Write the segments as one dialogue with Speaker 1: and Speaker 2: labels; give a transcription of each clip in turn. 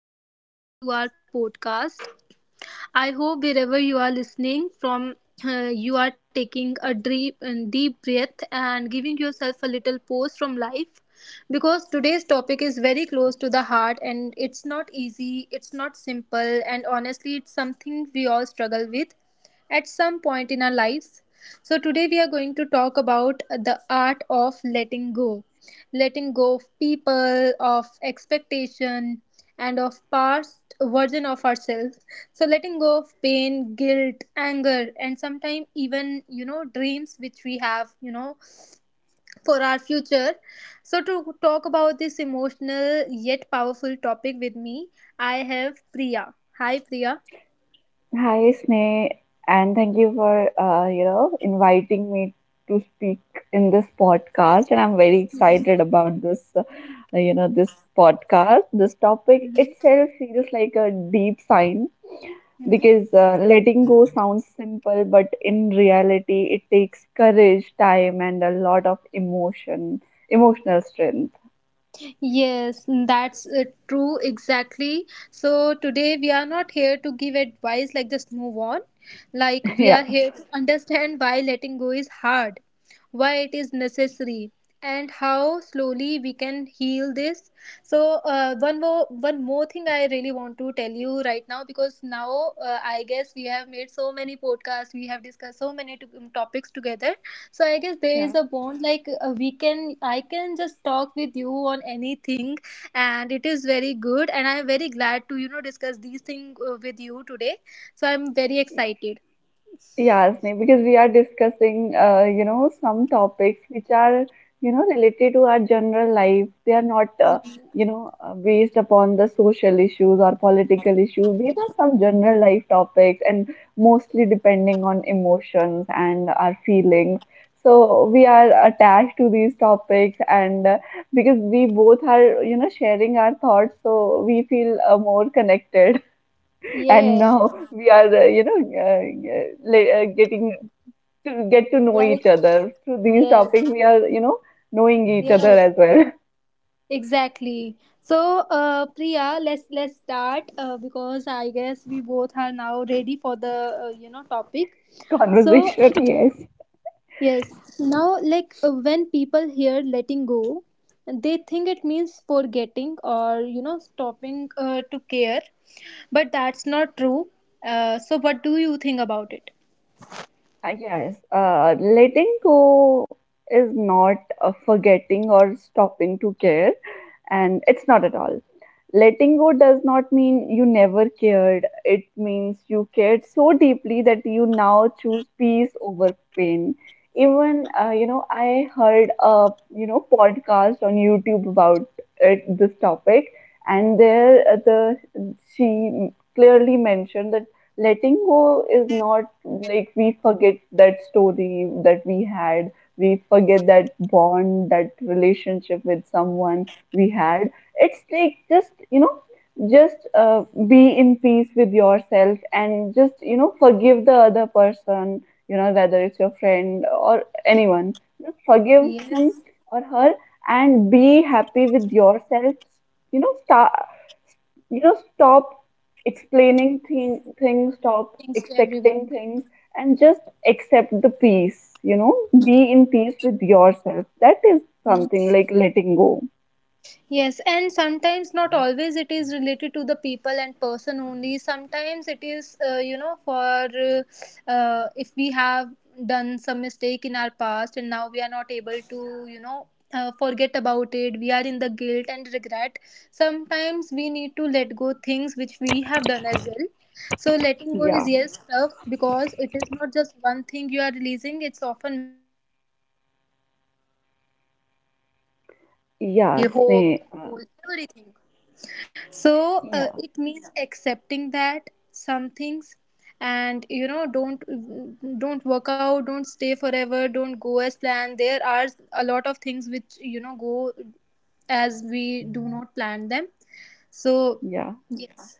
Speaker 1: And welcome back to our podcast. I hope wherever you are listening from, you are taking a deep, deep breath and giving yourself a little pause from life because today's topic is very close to the heart and it's not easy, it's not simple, and honestly, it's something we all struggle with at some point in our lives. So, today we are going to talk about the art of letting go, letting go of people, of expectation, and of past version of ourselves. So letting go of pain, guilt, anger, and sometimes even dreams which we have. For our future. So to talk about this emotional yet powerful topic with me, I have Priya. Hi Priya.
Speaker 2: Hi, Sneh, and thank you for you know inviting me to speak in this podcast. And I'm very excited about this, you know, this podcast. This topic
Speaker 1: Mhm.
Speaker 2: itself feels like a deep science
Speaker 1: Mhm.
Speaker 2: because letting go sounds simple, but in reality, it takes courage, time, and a lot of emotional strength.
Speaker 1: Yes, that's true, exactly. So, today we are not here to give advice like just move on. Like, we are
Speaker 2: Yeah.
Speaker 1: here to understand why letting go is hard, why it is necessary, and how slowly we can heal this. So, one more thing I really want to tell you right now because now I guess we have made so many podcasts, we have discussed so many topics together, so I guess there is
Speaker 2: Yeah.
Speaker 1: a bond like we can I can just talk with you on anything, and it is very good and I'm very glad to discuss these things with you today, so I'm very excited.
Speaker 2: Yeah, Sneh, because we are discussing, you know, some topics which are, you know, related to our general life. They are not, you know, based upon the social issues or political issues. These are some general life topics and mostly depending on emotions and our feelings. So we are attached to these topics, and because we both are, you know, sharing our thoughts, so we feel more connected. And
Speaker 1: Yes.
Speaker 2: now we are you know getting to get to know
Speaker 1: Like,
Speaker 2: each other through these
Speaker 1: yes.
Speaker 2: topics. We are you know knowing each other
Speaker 1: Yes,
Speaker 2: as well.
Speaker 1: exactly. So uh, Priya, let's start because I guess we both are now ready for the topic. So
Speaker 2: Conversation, yes.
Speaker 1: yes. Now, like when people hear letting go, they think it means forgetting or, you know, stopping to care. But that's not true. So, what do you think about it?
Speaker 2: Yes, uh, letting go is not forgetting or stopping to care, and it's not at all. Letting go does not mean you never cared. It means you cared so deeply that you now choose peace over pain. Even you know, I heard a you know podcast on YouTube about this topic, and there the she clearly mentioned that letting go is not like we forget that story that we had, we forget that bond, that relationship with someone we had. It's like just you know, just be in peace with yourself and just you know forgive the other person, you know, whether it's your friend or anyone. Just forgive him
Speaker 1: Yes.
Speaker 2: or her and be happy with yourself. You know start you know stop explaining things, stop
Speaker 1: Thanks to
Speaker 2: expecting
Speaker 1: everyone.
Speaker 2: things, and just accept the peace, you know, be in peace with yourself. That is something like letting go.
Speaker 1: Yes, and sometimes not always it is related to the people and person only. Sometimes it is, you know, for if we have done some mistake in our past and now we are not able to, you know, forget about it, we are in the guilt and regret. Sometimes we need to let go things which we have done as well. So letting go
Speaker 2: Yeah.
Speaker 1: is, yes, tough because it is not just one thing you are releasing; it's often
Speaker 2: Yeah, Sneh.
Speaker 1: hope, goal, everything. So
Speaker 2: Yeah,
Speaker 1: it means accepting that some things, and you know, don't work out, don't stay forever, don't go as planned. There are a lot of things which, you know, go as we do not plan them. So
Speaker 2: yeah.
Speaker 1: yes.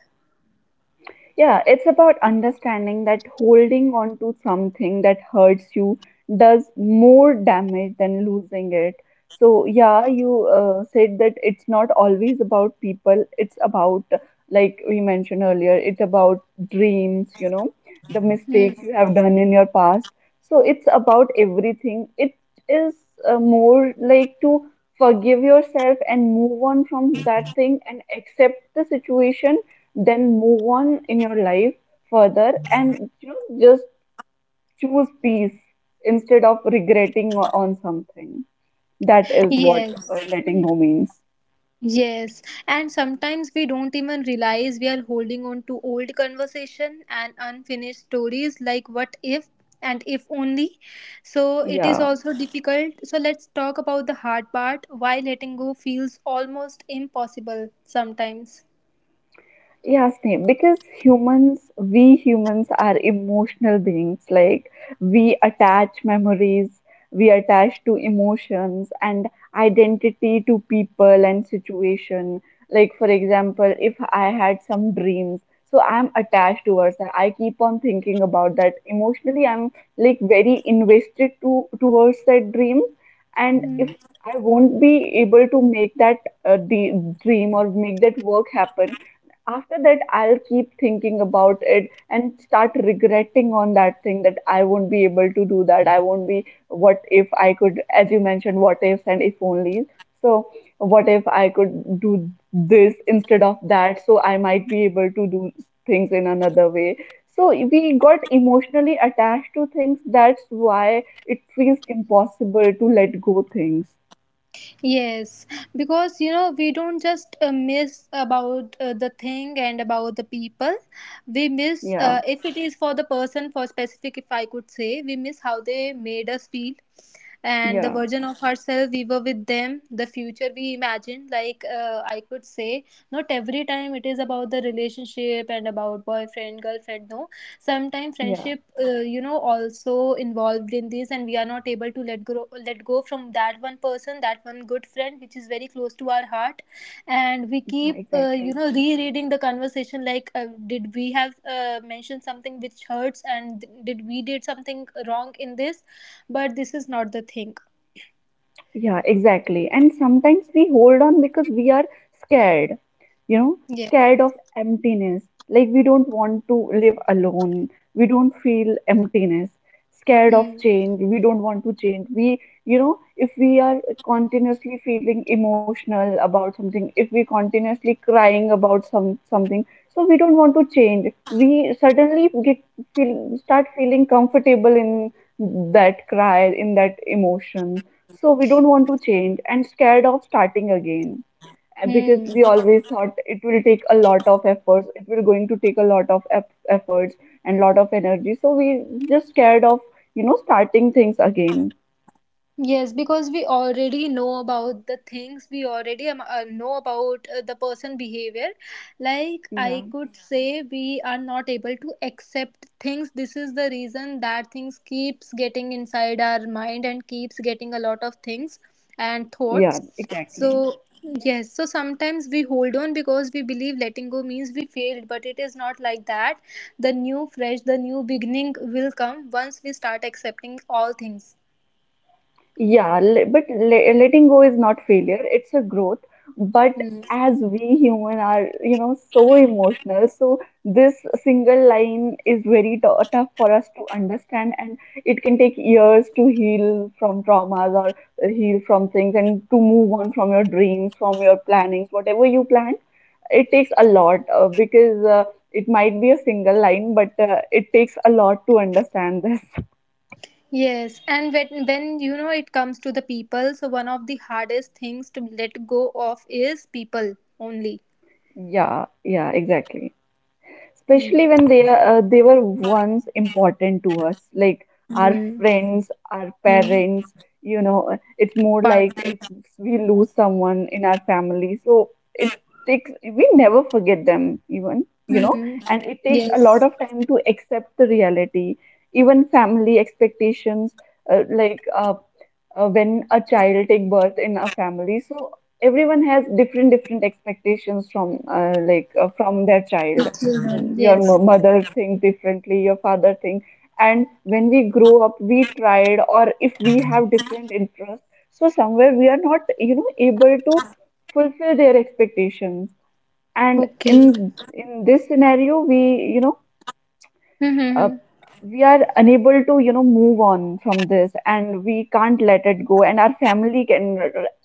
Speaker 2: Yeah, it's about understanding that holding on to something that hurts you does more damage than losing it. So, yeah, you said that it's not always about people, it's about, like we mentioned earlier, it's about dreams, you know, the
Speaker 1: Hmm.
Speaker 2: mistakes you have done in your past. So, it's about everything. It is more like to forgive yourself and move on from that thing and accept the situation, then move on in your life further and you know just choose peace instead of regretting on something. That is what
Speaker 1: Yes.
Speaker 2: letting go means.
Speaker 1: Yes, and sometimes we don't even realize we are holding on to old conversation and unfinished stories, like what if and if only. So it is
Speaker 2: Yeah.
Speaker 1: also difficult. So let's talk about the hard part, why letting go feels almost impossible sometimes.
Speaker 2: Yeah, Sneh, because humans, we humans are emotional beings. Like we attach memories, we attach to emotions and identity to people and situation. Like for example, if I had some dreams, so I'm attached towards that. I keep on thinking about that. Emotionally, I'm like very invested to towards that dream. And
Speaker 1: Hmm.
Speaker 2: if I won't be able to make that the dream or make that work happen, after that I'll keep thinking about it and start regretting on that thing that I won't be able to do that, I won't be, what if I could, as you mentioned, what ifs and if onlys. So what if I could do this instead of that, so I might be able to do things in another way. So we got emotionally attached to things, that's why it feels impossible to let go things.
Speaker 1: Yes, because, you know, we don't just miss about the thing and about the people. We miss,
Speaker 2: yeah
Speaker 1: if it is for the person, for specific. If I could say, we miss how they made us feel and the
Speaker 2: yeah
Speaker 1: version of ourselves we were with them, the future we imagined. Like, I could say, not every time it is about the relationship and about boyfriend, girlfriend. No, sometimes
Speaker 2: yeah
Speaker 1: friendship, you know, also involved in this, and we are not able to let go from that one person, that one good friend which is very close to our heart. And we
Speaker 2: yeah
Speaker 1: keep, you
Speaker 2: exactly.
Speaker 1: know, rereading the conversation, like, did we have mentioned something which hurts and did we did something wrong in this? But this is not the thing.
Speaker 2: Yeah, exactly. And sometimes we hold on because we are scared, you know,
Speaker 1: Yeah.
Speaker 2: scared of emptiness. Like we don't want to live alone. We don't feel emptiness. Scared of
Speaker 1: Hmm.
Speaker 2: change. We don't want to change. We, you know, if we are continuously feeling emotional about something, if we continuously crying about something, so we don't want to change. We suddenly get feel start feeling comfortable in that cry, in that emotion, so we don't want to change and scared of starting again. And because
Speaker 1: Hmm.
Speaker 2: we always thought it will take a lot of efforts, it will going to take a lot of efforts and lot of energy. So we just scared of, you know, starting things again.
Speaker 1: Yes, because we already know about the things, we already am, know about the person behavior. Like,
Speaker 2: Yeah,
Speaker 1: I could, yeah, say, we are not able to accept things. This is the reason that things keeps getting inside our mind and keeps getting a lot of things and
Speaker 2: yeah,
Speaker 1: thoughts. So
Speaker 2: exactly.
Speaker 1: yes, so sometimes we hold on because we believe letting go means we failed, but it is not like that. The new fresh, the new beginning will come once we start accepting all things.
Speaker 2: But letting go is not failure, it's a growth. But
Speaker 1: Hmm.
Speaker 2: as we human are, you know, so emotional, so this single line is very tough for us to understand, and it can take years to heal from traumas or heal from things and to move on from your dreams, from your plannings, whatever you plan. It takes a lot because it might be a single line, but it takes a lot to understand this.
Speaker 1: Yes, and when, you know, it comes to the people, so one of the hardest things to let go of is people only.
Speaker 2: Yeah, yeah, exactly.
Speaker 1: Hmm.
Speaker 2: Especially when they are they were once important to us, like our
Speaker 1: Hmm.
Speaker 2: friends, our
Speaker 1: Hmm.
Speaker 2: parents, you know. It's more
Speaker 1: Part.
Speaker 2: like if we lose someone in our family, so it takes, we never forget them, even you know.
Speaker 1: Hmm.
Speaker 2: And it takes a lot
Speaker 1: Yes,
Speaker 2: of time to accept the reality, even family expectations. uh, like uh, when a child take birth in a family, so everyone has different expectations from from their
Speaker 1: the
Speaker 2: child. Mm,
Speaker 1: children.
Speaker 2: your
Speaker 1: Yes.
Speaker 2: mother think differently, your father think. And when we grow up, we tried, or if we have different interests, so somewhere we are not, you know, able to fulfill their expectations. And
Speaker 1: Okay.
Speaker 2: in this scenario, we, you know, uh,
Speaker 1: Hmm.
Speaker 2: we are unable to you know move on from this and we can't let it go, and our family can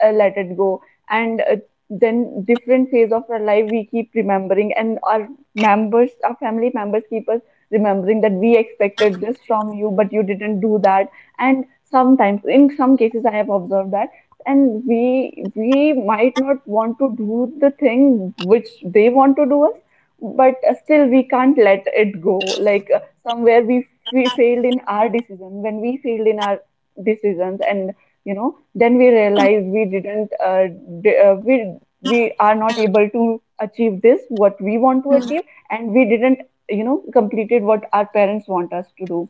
Speaker 2: let it go. And then different phase of our life we keep remembering, and our members, our family members keep us remembering that we expected this from you but you didn't do that. And sometimes in some cases I have observed that, and we might not want to do the thing which they want to do, but still we can't let it go. Like somewhere we failed in our decision, when we failed in our decisions, and you know then we realize we didn't d- uh, we we are not able to achieve this what we want to
Speaker 1: Hmm.
Speaker 2: achieve, and we didn't you know completed what our parents want us to do.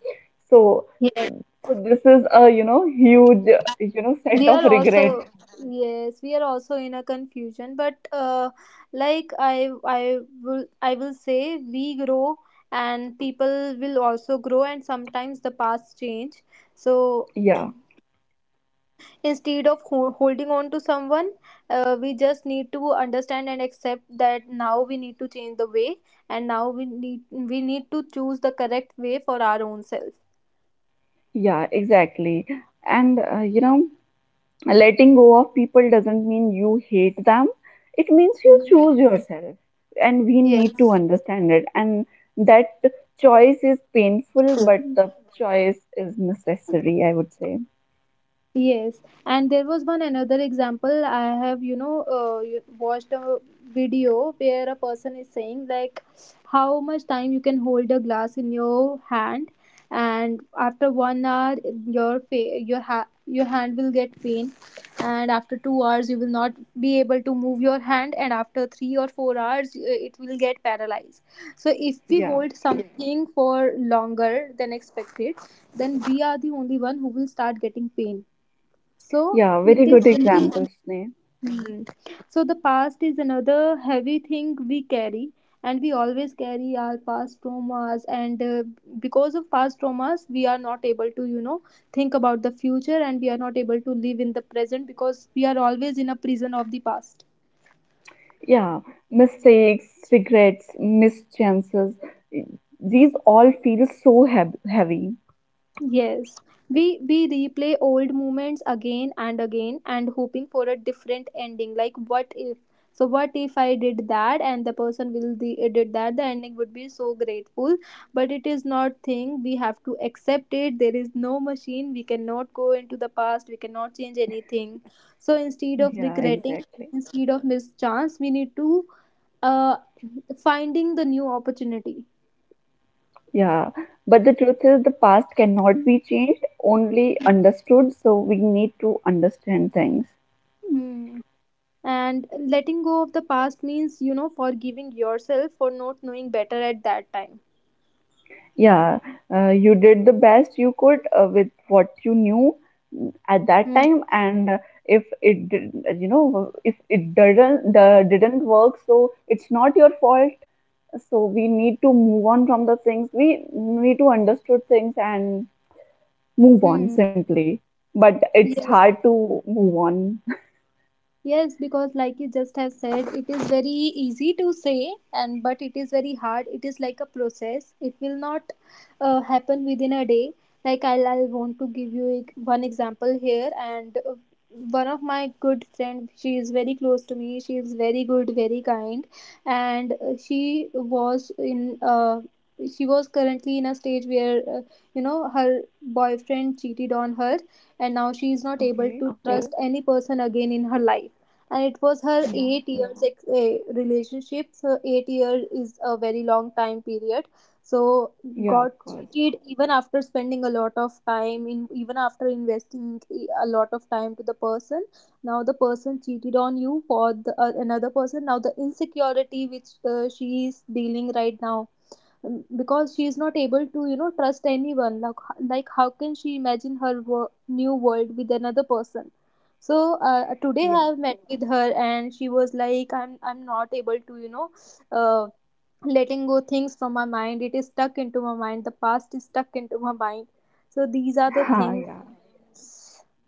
Speaker 2: So
Speaker 1: Yes,
Speaker 2: so this is a you know huge you know set
Speaker 1: we
Speaker 2: of
Speaker 1: are
Speaker 2: regret.
Speaker 1: also yes, we are also in a confusion. But like, I will say, we grow and people will also grow, and sometimes the paths change. So,
Speaker 2: Yeah,
Speaker 1: instead of holding on to someone, we just need to understand and accept that now we need to change the way, and now we need to choose the correct way for our own self.
Speaker 2: yeah, exactly. And you know, letting go of people doesn't mean you hate them, it means you
Speaker 1: Mhm.
Speaker 2: choose yourself. And we need
Speaker 1: Yes.
Speaker 2: to understand it, and that choice is painful but the choice is necessary, I would say.
Speaker 1: Yes, and there was one another example I have, you know, watched a video where a person is saying like how much time you can hold a glass in your hand, and after 1 hour your your hand will get pain, and after 2 hours you will not be able to move your hand, and after 3 or 4 hours it will get paralyzed. So if we
Speaker 2: Yeah.
Speaker 1: hold something for longer than expected, then we are the only one who will start getting pain, so
Speaker 2: Yeah, very
Speaker 1: it is
Speaker 2: good
Speaker 1: very
Speaker 2: examples, Sneh.
Speaker 1: Mm. So the past is another heavy thing we carry, and we always carry our past traumas, and because of past traumas we are not able to, you know, think about the future, and we are not able to live in the present because we are always in a prison of the past.
Speaker 2: Yeah, mistakes, regrets, mischances, these all feel so heavy.
Speaker 1: Yes, we replay old moments again and again and hoping for a different ending. Like, what if? So what if I did that and the person will did that? The ending would be so grateful, but it is not thing. We have to accept it. There is no machine. We cannot go into the past. We cannot change anything. So instead of
Speaker 2: Yeah,
Speaker 1: regretting,
Speaker 2: exactly.
Speaker 1: instead of missed chance, we need to uh finding the new opportunity.
Speaker 2: Yeah, but the truth is, the past cannot be changed, only understood. So we need to understand things.
Speaker 1: Hmm. And letting go of the past means, you know, forgiving yourself for not knowing better at that time.
Speaker 2: Yeah, you did the best you could with what you knew, mm, at that
Speaker 1: Hmm.
Speaker 2: time, and if it did, you know, if it didn't work, so it's not your fault. So we need to move on from the things. We need to understood things and move on
Speaker 1: Hmm.
Speaker 2: simply. But it's
Speaker 1: Yes.
Speaker 2: hard to move on.
Speaker 1: Yes, because like you just have said, it is very easy to say, and but it is very hard. It is like a process. It will not happen within a day. Like, I'll want to give you one example here, and one of my good friend, she is very close to me. She is very good, very kind, and she was currently in a stage where you know, her boyfriend cheated on her, and now she is not able
Speaker 2: Okay.
Speaker 1: to, okay, trust any person again in her life, and it was her
Speaker 2: Yeah.
Speaker 1: 8 years relationship. So 8 years is a very long time period. So
Speaker 2: Yeah,
Speaker 1: got
Speaker 2: of course.
Speaker 1: cheated even after spending a lot of time in, even after investing a lot of time to the person, now the person cheated on you for the, another person. Now the insecurity which she is dealing right now, because she is not able to, you know, trust anyone. Like, how can she imagine her new world with another person? So today I
Speaker 2: Yeah.
Speaker 1: have met with her and she was like, I'm not able to, you know, uh, letting go things from my mind. It is stuck into my mind, the past is stuck into my mind. So these are the things.
Speaker 2: Yeah.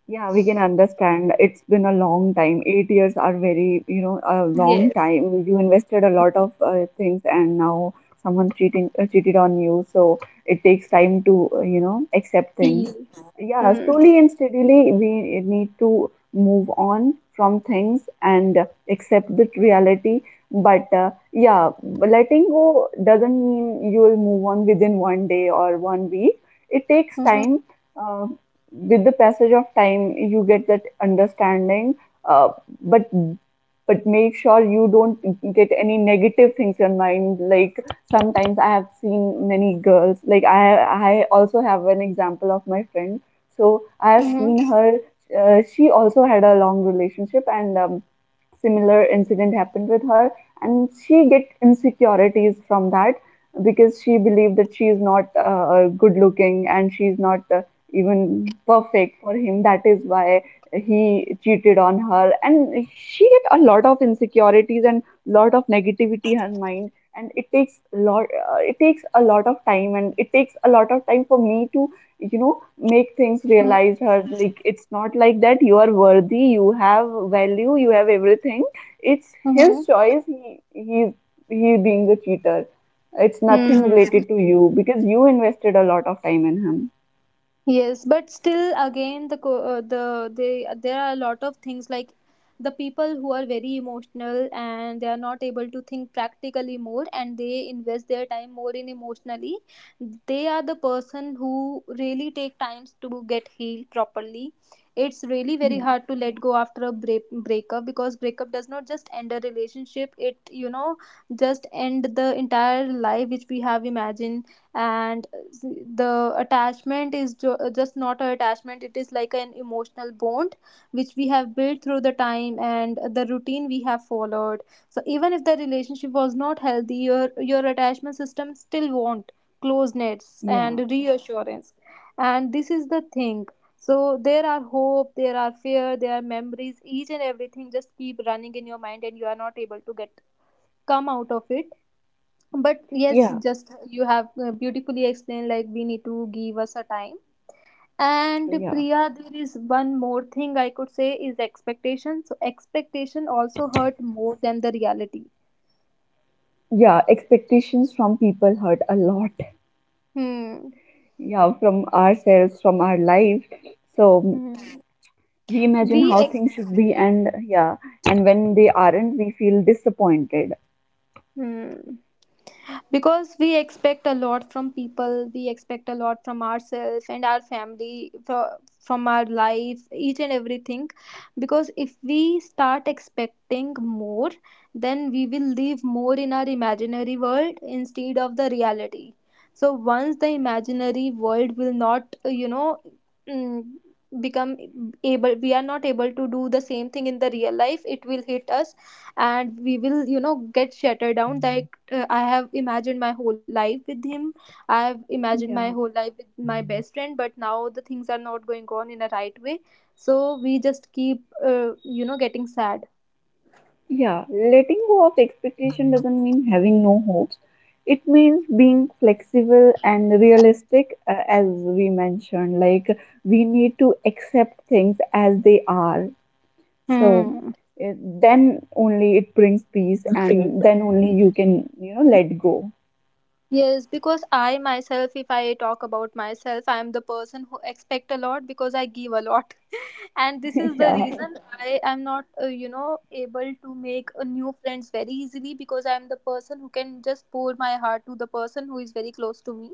Speaker 2: Yeah, we can understand. It's been a long time. 8 years are very, you know, a long
Speaker 1: Yes,
Speaker 2: time. You invested a lot of things, and now someone cheating cheated on you. So it takes time to, you know, accept things.
Speaker 1: feel.
Speaker 2: Yeah,
Speaker 1: Mm-hmm.
Speaker 2: slowly and steadily, we need to move on from things and accept the reality. But yeah, letting go doesn't mean you will move on within one day or 1 week. It takes time. uh, with the passage of time you get that understanding, uh, but but make sure you don't get any negative things in mind. Like sometimes I have seen many girls, like I also have an example of my friend, so I have
Speaker 1: Mm-hmm.
Speaker 2: seen her. She also had a long relationship, and similar incident happened with her, and she get insecurities from that because she believed that she is not good looking and she's not even perfect for him. That is why he cheated on her, and she get a lot of insecurities and lot of negativity in her mind. And it takes a lot, it takes a lot of time, and it takes a lot of time for me to, you know, make things realize her. Like it's not like that. You are worthy. You have value. You have everything. It's
Speaker 1: Mm-hmm.
Speaker 2: his choice. He being the cheater. It's nothing
Speaker 1: Hmm.
Speaker 2: related to you because you invested a lot of time in him.
Speaker 1: Yes, but still, again, there are a lot of things, like the people who are very emotional and they are not able to think practically more, and they invest their time more in emotionally. They are the person who really take times to get healed properly. It's really very
Speaker 2: Yeah.
Speaker 1: hard to let go after a breakup, because breakup does not just end a relationship. It, you know, just end the entire life which we have imagined. And the attachment is just not an attachment, it is like an emotional bond which we have built through the time and the routine we have followed. So even if the relationship was not healthy, your attachment system still want closeness and
Speaker 2: Yeah,
Speaker 1: reassurance, and this is the thing. So there are hope, there are fear, there are memories, each and everything just keep running in your mind, and you are not able to get come out of it. But yes,
Speaker 2: yeah,
Speaker 1: just you have beautifully explained, like, we need to give us a time. And
Speaker 2: yeah,
Speaker 1: Priya, there is one more thing I could say, is expectation. So expectation also hurt more than the reality.
Speaker 2: yeah. Expectations from people hurt a lot.
Speaker 1: Hmm.
Speaker 2: Yeah, from ourselves, from our life. So
Speaker 1: Hmm.
Speaker 2: we imagine
Speaker 1: We
Speaker 2: how things
Speaker 1: ex-
Speaker 2: should be, and yeah, and when they aren't, we feel disappointed.
Speaker 1: Hmm. Because we expect a lot from people, we expect a lot from ourselves and our family, from our life, each and everything. Because if we start expecting more, then we will live more in our imaginary world instead of the reality. So once the imaginary world will not mm, become able we are not able to do the same thing in the real life, it will hit us, and we will, you know, get shattered down. That I have imagined my whole life with him. I have imagined my
Speaker 2: Yeah,
Speaker 1: whole life with my best friend, but now the things are not going on in a right way. So we just keep you know, getting sad.
Speaker 2: yeah. Letting go of expectation doesn't mean having no hopes. It means being flexible and realistic, as we mentioned. Like we need to accept things as they are. So
Speaker 1: Hmm.
Speaker 2: it, then only it brings peace,
Speaker 1: Agree.
Speaker 2: and then only you can, you know, let go.
Speaker 1: Yes, because I myself, if I talk about myself, I am the person who expect a lot because I give a lot. And this is the
Speaker 2: Yeah.
Speaker 1: reason I am not, you know, able to make new friends very easily, because I am the person who can just pour my heart to the person who is very close to me.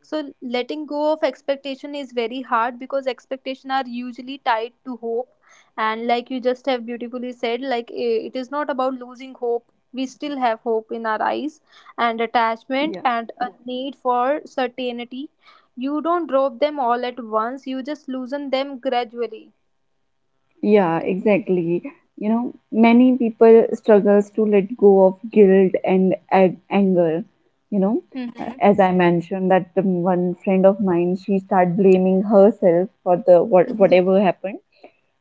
Speaker 1: So letting go of expectation is very hard, because expectation are usually tied to hope. And like you just have beautifully said, like, it is not about losing hope. We still have hope in our eyes, and attachment
Speaker 2: Yeah.
Speaker 1: and a, yeah, need for certainty. You don't drop them all at once, you just loosen them gradually.
Speaker 2: Yeah, exactly. You know, many people struggles to let go of guilt and ag anger. You know,
Speaker 1: Hmm.
Speaker 2: as I mentioned, that the one friend of mine, she started blaming herself for the whatever happened.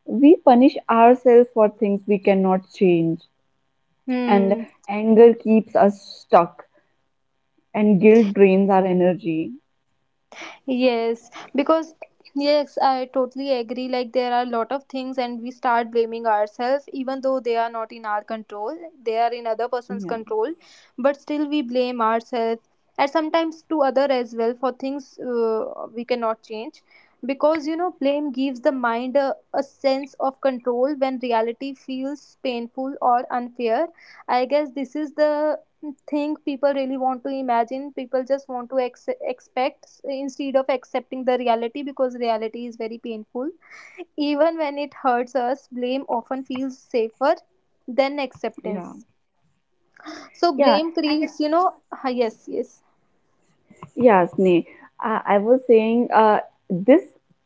Speaker 2: We punish ourselves for things we cannot change, and anger keeps us stuck, and guilt drains our energy.
Speaker 1: Yes, because yes, I totally agree. Like there are a lot of things, and we start blaming ourselves, even though they are not in our control. They are in other person's
Speaker 2: Yeah,
Speaker 1: control, but still we blame ourselves, and sometimes to other as well for things we cannot change. Because you know, blame gives the mind a sense of control when reality feels painful or unfair. I guess this is the think people really want to imagine, people just want to expect instead of accepting the reality, because reality is very painful. Even when it hurts us, blame often feels safer than
Speaker 2: yeah,
Speaker 1: acceptance. So
Speaker 2: yeah.
Speaker 1: blame
Speaker 2: And
Speaker 1: creates, you know. Ah, yes, yes.
Speaker 2: Yeah, Sneh. I was saying, this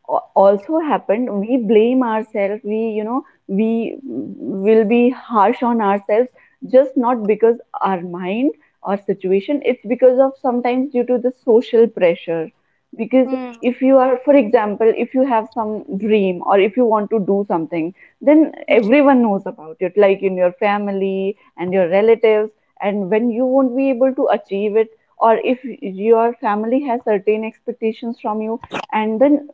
Speaker 2: also happened. We blame ourselves. We, you know, we will be harsh on ourselves just not because our mind or situation. It's because of sometimes due to the social pressure. Because
Speaker 1: Hmm.
Speaker 2: if you are, for example, if you have some dream or if you want to do something, then everyone knows about it, like in your family and your relatives. And when you won't be able to achieve it, or if your family has certain expectations from you, and then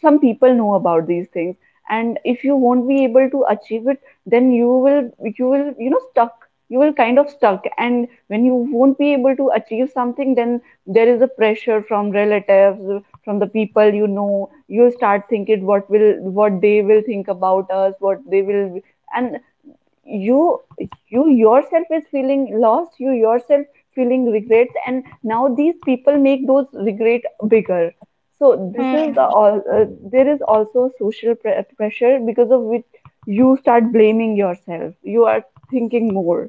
Speaker 2: some people know about these things, and if you won't be able to achieve it, then you will you know stuck, you will kind of stuck. And when you won't be able to achieve something, then there is a pressure from relatives, from the people, you know, you'll start thinking what will, what they will think about us, what they will, and you you yourself is feeling lost, you yourself feeling regrets, and now these people make those regret bigger. So this is the
Speaker 1: Hmm.
Speaker 2: all, there is also social pressure because of which you start blaming yourself, you are thinking more.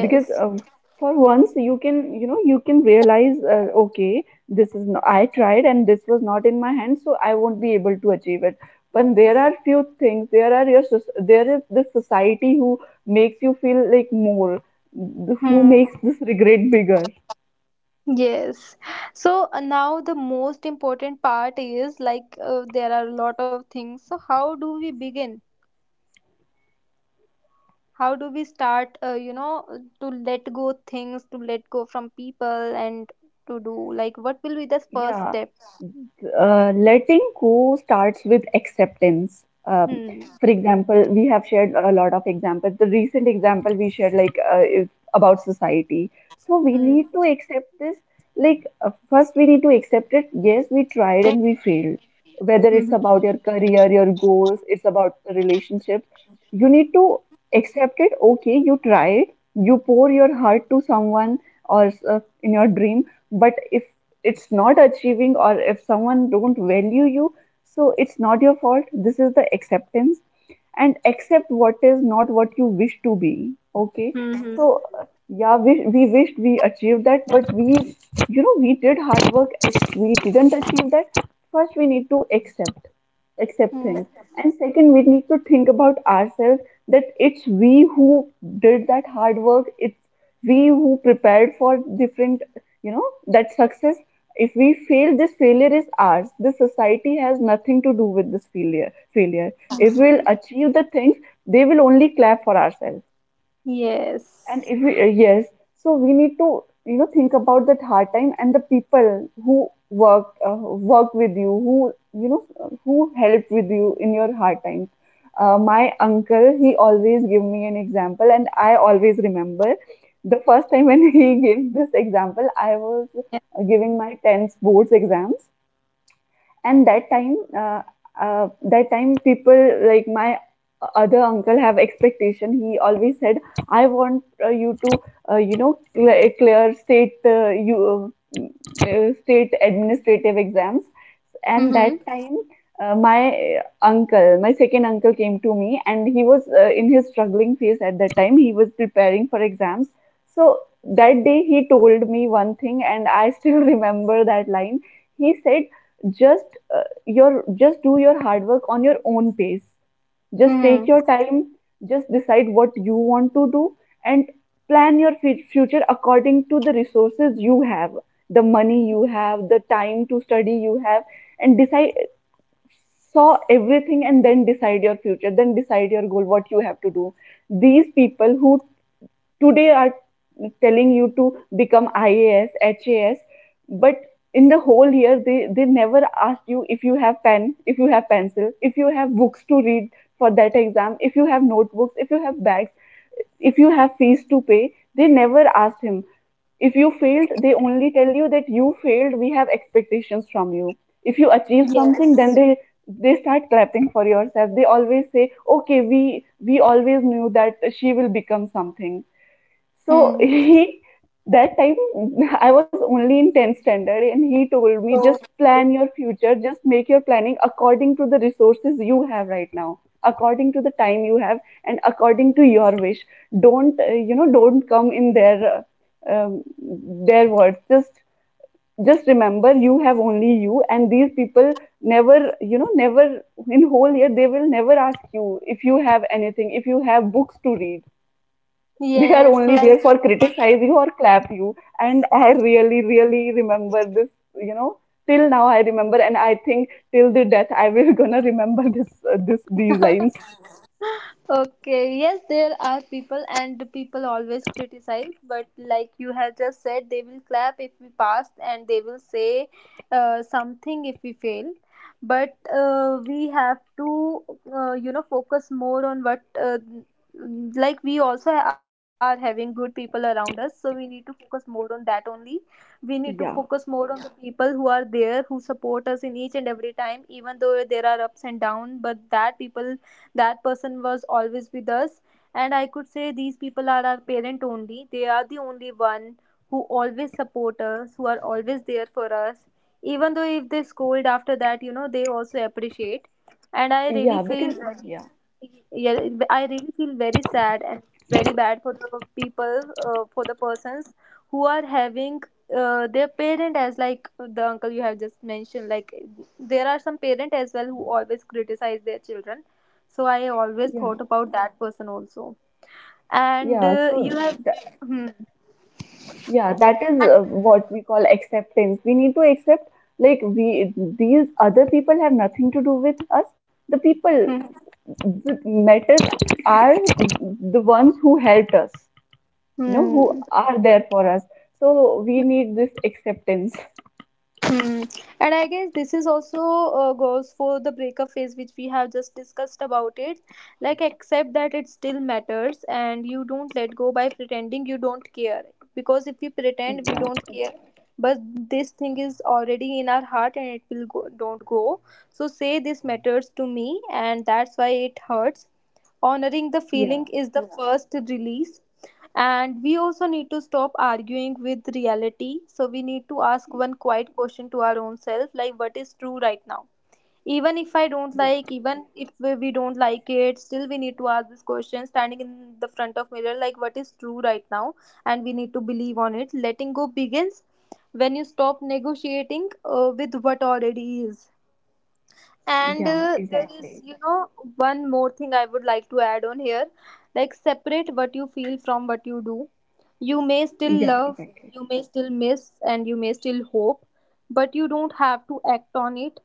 Speaker 2: Because for once you can, you know, you can realize, okay, this is no, I tried and this was not in my hand, so I won't be able to achieve it. But there are few things, there are your there is this society who makes you feel like more, who
Speaker 1: Hmm.
Speaker 2: makes this regret bigger.
Speaker 1: Yes. So now the most important part is like, there are a lot of things, so how do we begin? How do we start, you know, to let go things, to let go from people, and to do, like, what will be the first
Speaker 2: Yeah,
Speaker 1: steps?
Speaker 2: letting go starts with acceptance.
Speaker 1: Hmm.
Speaker 2: For example, we have shared a lot of examples. The recent example we shared, like, is about society. So we
Speaker 1: Hmm.
Speaker 2: need to accept this. Like, first we need to accept it. Yes, we tried and we failed. Whether it's
Speaker 1: Hmm.
Speaker 2: about your career, your goals, it's about the relationships. You need to accept it. Okay, you tried. You pour your heart to someone or in your dream. But if it's not achieving, or if someone don't value you, so it's not your fault. This is the acceptance. And accept what is not what you wish to be, okay.
Speaker 1: Hmm.
Speaker 2: So yeah, we wished we achieved that, but we, you know, we did hard work. If we didn't achieve that, first we need to accept, accept
Speaker 1: Hmm.
Speaker 2: things.
Speaker 1: Hmm.
Speaker 2: And second, we need to think about ourselves, that it's we who did that hard work, it's we who prepared for different, you know, that success. If we fail, this failure is ours. The society has nothing to do with this failure. If we'll
Speaker 1: Hmm.
Speaker 2: achieve the things, they will only clap for ourselves. And
Speaker 1: Yes.
Speaker 2: if we, yes, so we need to, you know, think about that hard time and the people who worked, worked with you, who, you know, who helped with you in your hard times. My uncle, he always give me an example, and I always remember the first time when he gave this example, I was
Speaker 1: Yeah.
Speaker 2: giving my 10th boards exams. And that time, that time people like my other uncle have expectation, he always said, I want, you to, you know, clear state, you, state administrative exams. And
Speaker 1: Mm-hmm.
Speaker 2: that time, my, uncle my second uncle came to me and he was, in his struggling phase. At that time, he was preparing for exams. So that day, he told me one thing and I still remember that line. He said, just, your just do your hard work on your own pace, just take your
Speaker 1: Mm-hmm.
Speaker 2: time, just decide what you want to do, and plan your future according to the resources you have, the money you have, the time to study you have, and decide. Saw everything and then decide your future, then decide your goal, what you have to do. These people who today are telling you to become IAS, HAS, but in the whole year they never asked you if you have pen, if you have pencil, if you have books to read for that exam, if you have notebooks, if you have bags, if you have fees to pay. They never asked him. If you failed, they only tell you that you failed, we have expectations from you. If you achieve something, then
Speaker 1: Yes.
Speaker 2: they start clapping for yourself. They always say, okay, we always knew that she will become something. So
Speaker 1: Hmm.
Speaker 2: he that time, I was only in 10th standard, and he told me,
Speaker 1: So
Speaker 2: just plan your future, just make your planning according to the resources you have right now, according to the time you have, and according to your wish. Don't, you know, don't come in their, um, their words. Just remember you have only you, and these people never, you know, never in whole year they will never ask you if you have anything, if you have books to read. They are
Speaker 1: yes,
Speaker 2: only
Speaker 1: like.
Speaker 2: there for criticize you or clap you. And I really really remember this, you know, till now I remember, and I think till the death I will gonna remember this, these lines.
Speaker 1: Okay, yes, there are people, and the people always criticize, but like you have just said, they will clap if we pass, and they will say something if we fail. But we have to, you know, focus more on what, like, we also are having good people around us, so we need to focus more on that only. We need to
Speaker 2: yeah
Speaker 1: focus more on the people who are there, who support us each and every time, even though there are ups and downs, but that people, that person was always with us. And I could say these people are our parent only, they are the only one who always support us, who are always there for us, even though if they scold, after that, you know, they also appreciate. And I really
Speaker 2: yeah
Speaker 1: feel
Speaker 2: because
Speaker 1: very,
Speaker 2: yeah
Speaker 1: yeah, I really feel very sad and very bad for the people, for the persons who are having their parent as like the uncle you have just mentioned. Like, there are some parent as well who always criticize their children, so I always
Speaker 2: yeah
Speaker 1: thought about that person also. And
Speaker 2: yeah So
Speaker 1: you have.
Speaker 2: that,
Speaker 1: Hmm.
Speaker 2: yeah, that is what we call acceptance. We need to accept, like we, these other people have nothing to do with us. The people
Speaker 1: Hmm.
Speaker 2: that matters are the ones who helped us, you know, who
Speaker 1: Hmm.
Speaker 2: are there for us. So we need this acceptance.
Speaker 1: Hmm. And I guess this is also goes for the breakup phase, which we have just discussed about it. Like, accept that it still matters, and you don't let go by pretending you don't care. Because if we pretend we
Speaker 2: Yeah,
Speaker 1: don't care, but this thing is already in our heart, and it will go, don't go. So say this matters to me, and that's why it hurts. Honoring the feeling
Speaker 2: yeah,
Speaker 1: is the, yeah, first release. And we also need to stop arguing with reality, so we need to ask one quiet question to our own self, like, what is true right now? Even if I don't
Speaker 2: yeah,
Speaker 1: like, even if we don't like it, still we need to ask this question standing in the front of mirror, like, what is true right now? And we need to believe on it. Letting go begins when you stop negotiating with what already is. And
Speaker 2: yeah,
Speaker 1: there, yeah, is,
Speaker 2: exactly.
Speaker 1: you know, one more thing I would like to add on here. Like, separate what you feel from what you do. You may still
Speaker 2: Yeah,
Speaker 1: love,
Speaker 2: exactly.
Speaker 1: you may still miss, and you may still hope, but you don't have to act on it.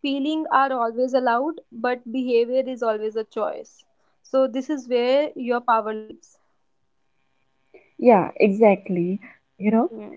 Speaker 1: Feeling are always allowed, but behavior is always a choice. So, this is where your power lives.
Speaker 2: Yeah, exactly. You know,
Speaker 1: Hmm.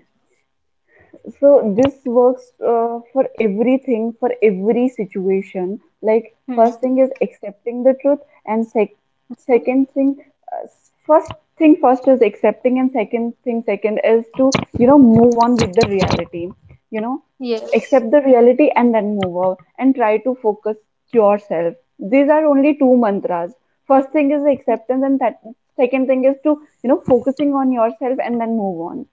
Speaker 2: so this works for everything, for every situation. Like first
Speaker 1: Hmm.
Speaker 2: thing is accepting the truth, and second thing, uh, first thing first is accepting, and second thing second is to, you know, move on with the reality. You know,
Speaker 1: Yes.
Speaker 2: accept the reality and then move on and try to focus yourself. These are only two mantras. First thing is acceptance, and that second thing is to, you know, focusing on yourself and then move on.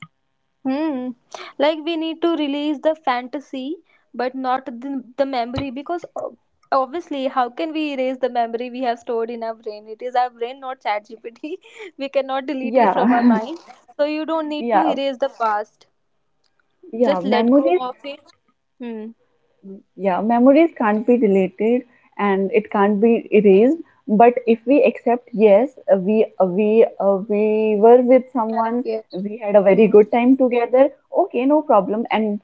Speaker 1: Hmm. Like we need to release the fantasy, but not the memory, because obviously, how can we erase the memory we have stored in our brain? It is our brain, not ChatGPT. We cannot delete it from our
Speaker 2: Yeah.
Speaker 1: mind. So you don't need to
Speaker 2: Yeah,
Speaker 1: erase the past.
Speaker 2: yeah,
Speaker 1: Just let go
Speaker 2: memories,
Speaker 1: of it. Hmm.
Speaker 2: yeah, memories can't be deleted and it can't be erased. But if we accept, yes, we were with
Speaker 1: Yeah,
Speaker 2: someone,
Speaker 1: yeah.
Speaker 2: we had a very
Speaker 1: Hmm.
Speaker 2: good time together. Okay, no problem. And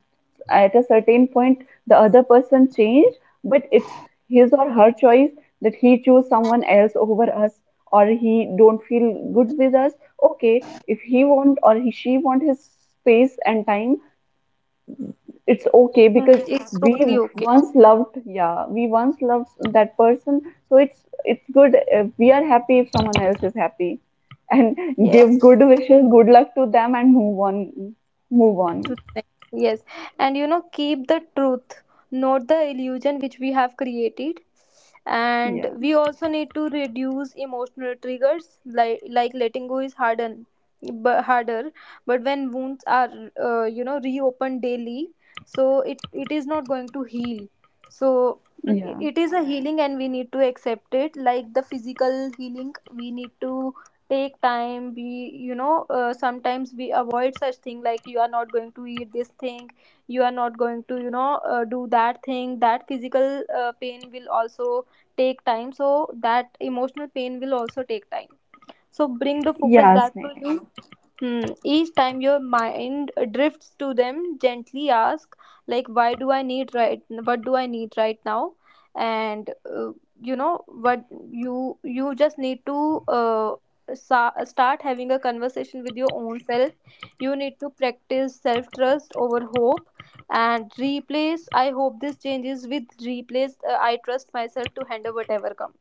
Speaker 2: at a certain point, the other person changed, but it's his or her choice that he choose someone else over us, or he don't feel good with us. Okay, if he want, or he she want his space and time, it's okay.
Speaker 1: Hmm.
Speaker 2: Because
Speaker 1: It's
Speaker 2: we
Speaker 1: totally okay.
Speaker 2: once loved, yeah, we once loved that person. So it's good. If we are happy, if someone else is happy, and give good
Speaker 1: Yes.
Speaker 2: wishes, good luck to them, and move on, move on.
Speaker 1: To the next. Yes, and you know, keep the truth, not the illusion which we have created. And
Speaker 2: Yeah,
Speaker 1: we also need to reduce emotional triggers, like letting go is harder. But when wounds are, you know, reopened daily, so it is not going to heal. So
Speaker 2: yeah,
Speaker 1: it is a healing, and we need to accept it. Like the physical healing, we need to take time, we, you know, sometimes we avoid such thing, like you are not going to eat this thing, you are not going to, you know, do that thing. That physical pain will also take time, so that emotional pain will also take time. So bring the focus
Speaker 2: yeah,
Speaker 1: back to
Speaker 2: Sneh.
Speaker 1: you. Hmm. Each time your mind drifts to them, gently ask, like, why do I need right? What do I need right now? And uh, you know what, you just need to start having a conversation with your own self. You need to practice self trust over hope, and replace, I hope this changes, with replace, I trust myself to handle whatever comes.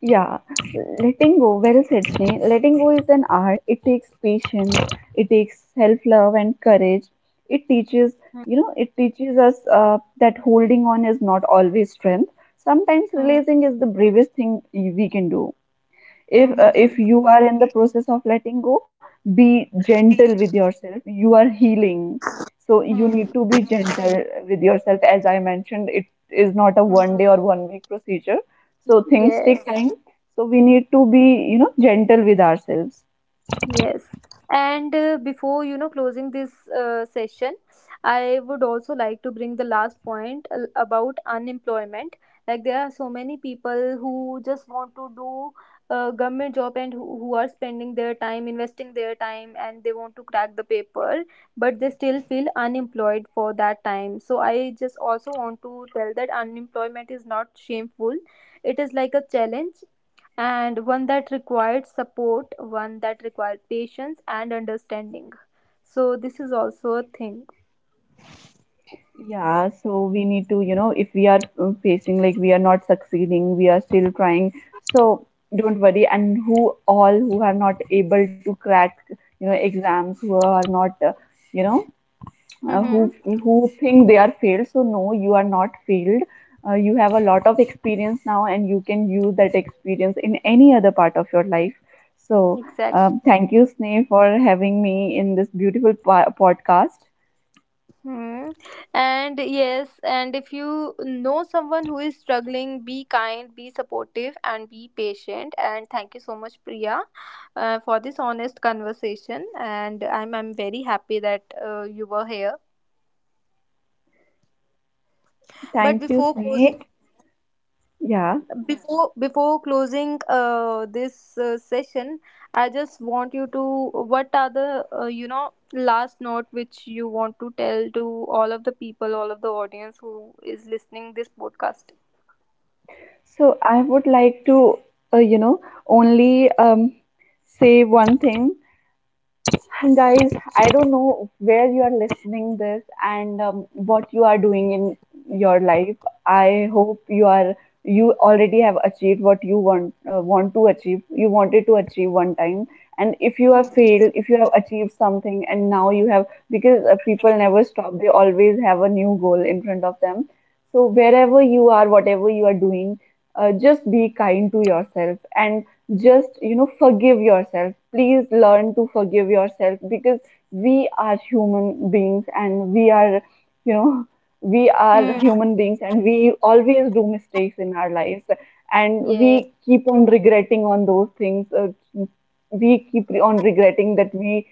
Speaker 2: Yeah, letting go. Well said, Sneh. Letting go is an art. It takes patience. It takes self-love and courage. It teaches,
Speaker 1: Hmm.
Speaker 2: you know, it teaches us that holding on is not always strength. Sometimes
Speaker 1: Hmm.
Speaker 2: releasing is the bravest thing we can do.
Speaker 1: Hmm.
Speaker 2: If
Speaker 1: Hmm. Hmm.
Speaker 2: you are in the process of letting go, be gentle with yourself. You are healing, so you
Speaker 1: Hmm.
Speaker 2: need to be gentle with yourself. As I mentioned, it is not a
Speaker 1: Hmm.
Speaker 2: one day or one week procedure. So things
Speaker 1: Yes.
Speaker 2: take time, so we need to be, you know, gentle with ourselves.
Speaker 1: Yes. And before, you know, closing this session, I would also like to bring the last point about unemployment. Like there are so many people who just want to do a government job, and who are spending their time, investing their time, and they want to crack the paper, but they still feel unemployed for that time. So I just also want to tell that unemployment is not shameful. It is like a challenge, and one that required support, one that required patience and understanding. So this is also a thing.
Speaker 2: Yeah, so we need to, you know, if we are, facing like we are not succeeding, we are still trying, so don't worry. And who all who are not able to crack, you know, exams, who are not, you know,
Speaker 1: Mm-hmm.
Speaker 2: who think they are failed, so no, you are not failed. You have a lot of experience now, and you can use that experience in any other part of your life. So
Speaker 1: Exactly.
Speaker 2: thank you, Sneh, for having me in this beautiful podcast.
Speaker 1: Hmm. And yes, and if you know someone who is struggling, be kind, be supportive, and be patient. And thank you so much, Priya, for this honest conversation. And I'm very happy that you were here. But
Speaker 2: Thank you,
Speaker 1: before closing,
Speaker 2: Sneh. Yeah,
Speaker 1: before closing this session, I just want you to, what are the, you know, last note which you want to tell to all of the people, all of the audience who is listening this podcast.
Speaker 2: so I would like to, you know only say one thing. Guys, I don't know where you are listening this, and what you are doing in your life. I hope you are, you already have achieved what you want, want to achieve you wanted to achieve one time. And if you have
Speaker 1: Mhm.
Speaker 2: failed, if you have achieved something, and now you have, because people never stop, they always have a new goal in front of them. So wherever you are, whatever you are doing, just be kind to yourself, and just, you know, forgive yourself. Please learn to forgive yourself, because we are human beings and we are, you know, we are
Speaker 1: Hmm.
Speaker 2: human beings and we always do mistakes in our lives. And
Speaker 1: Yeah,
Speaker 2: we keep on regretting on those things, we keep on regretting that we,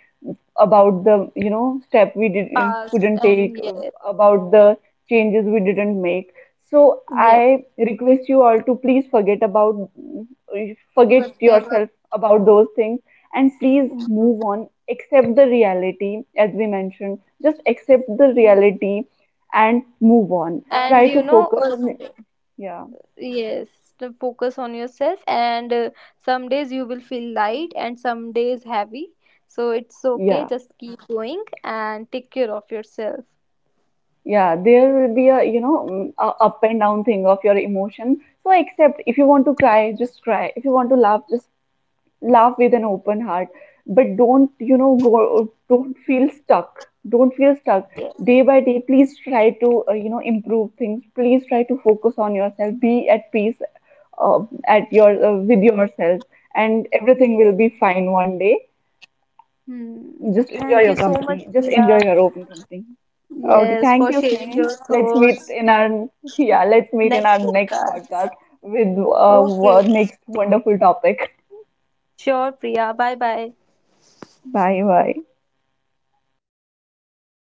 Speaker 2: about the, you know, step we didn't
Speaker 1: past,
Speaker 2: couldn't
Speaker 1: and
Speaker 2: take.
Speaker 1: yeah.
Speaker 2: About the changes we didn't make. So
Speaker 1: Yeah,
Speaker 2: I request you all to please forget about, forget
Speaker 1: whatever.
Speaker 2: yourself about those things, and please
Speaker 1: Mhm.
Speaker 2: move on. Accept the reality, as we mentioned, just accept the reality and move on,
Speaker 1: And
Speaker 2: try
Speaker 1: you
Speaker 2: to
Speaker 1: know,
Speaker 2: focus on. Yeah,
Speaker 1: yes, to focus on yourself, and some days you will feel light, and some days heavy. So it's okay,
Speaker 2: yeah.
Speaker 1: just keep going and take care of yourself.
Speaker 2: Yeah, there will be a, you know, a up and down thing of your emotion. So accept, if you want to cry, just cry. If you want to laugh, just laugh with an open heart. But don't, you know, don't feel stuck. Don't feel stuck.
Speaker 1: Yes,
Speaker 2: Day by day, please try to, you know, improve things. Please try to focus on yourself. Be at peace uh, at your with yourself, and everything will be
Speaker 1: yes.
Speaker 2: fine one day.
Speaker 1: Hmm.
Speaker 2: Just
Speaker 1: Thank
Speaker 2: enjoy
Speaker 1: you
Speaker 2: your
Speaker 1: so much,
Speaker 2: company. Just
Speaker 1: Priya.
Speaker 2: enjoy your open company. Okay,
Speaker 1: Yes, for
Speaker 2: thank you,
Speaker 1: sharing your
Speaker 2: Sneh. Let's meet
Speaker 1: thoughts.
Speaker 2: in our, yeah, let's meet in our
Speaker 1: Next
Speaker 2: next
Speaker 1: podcast.
Speaker 2: podcast with
Speaker 1: Okay,
Speaker 2: next wonderful topic.
Speaker 1: sure, Priya. Bye bye.
Speaker 2: Bye bye.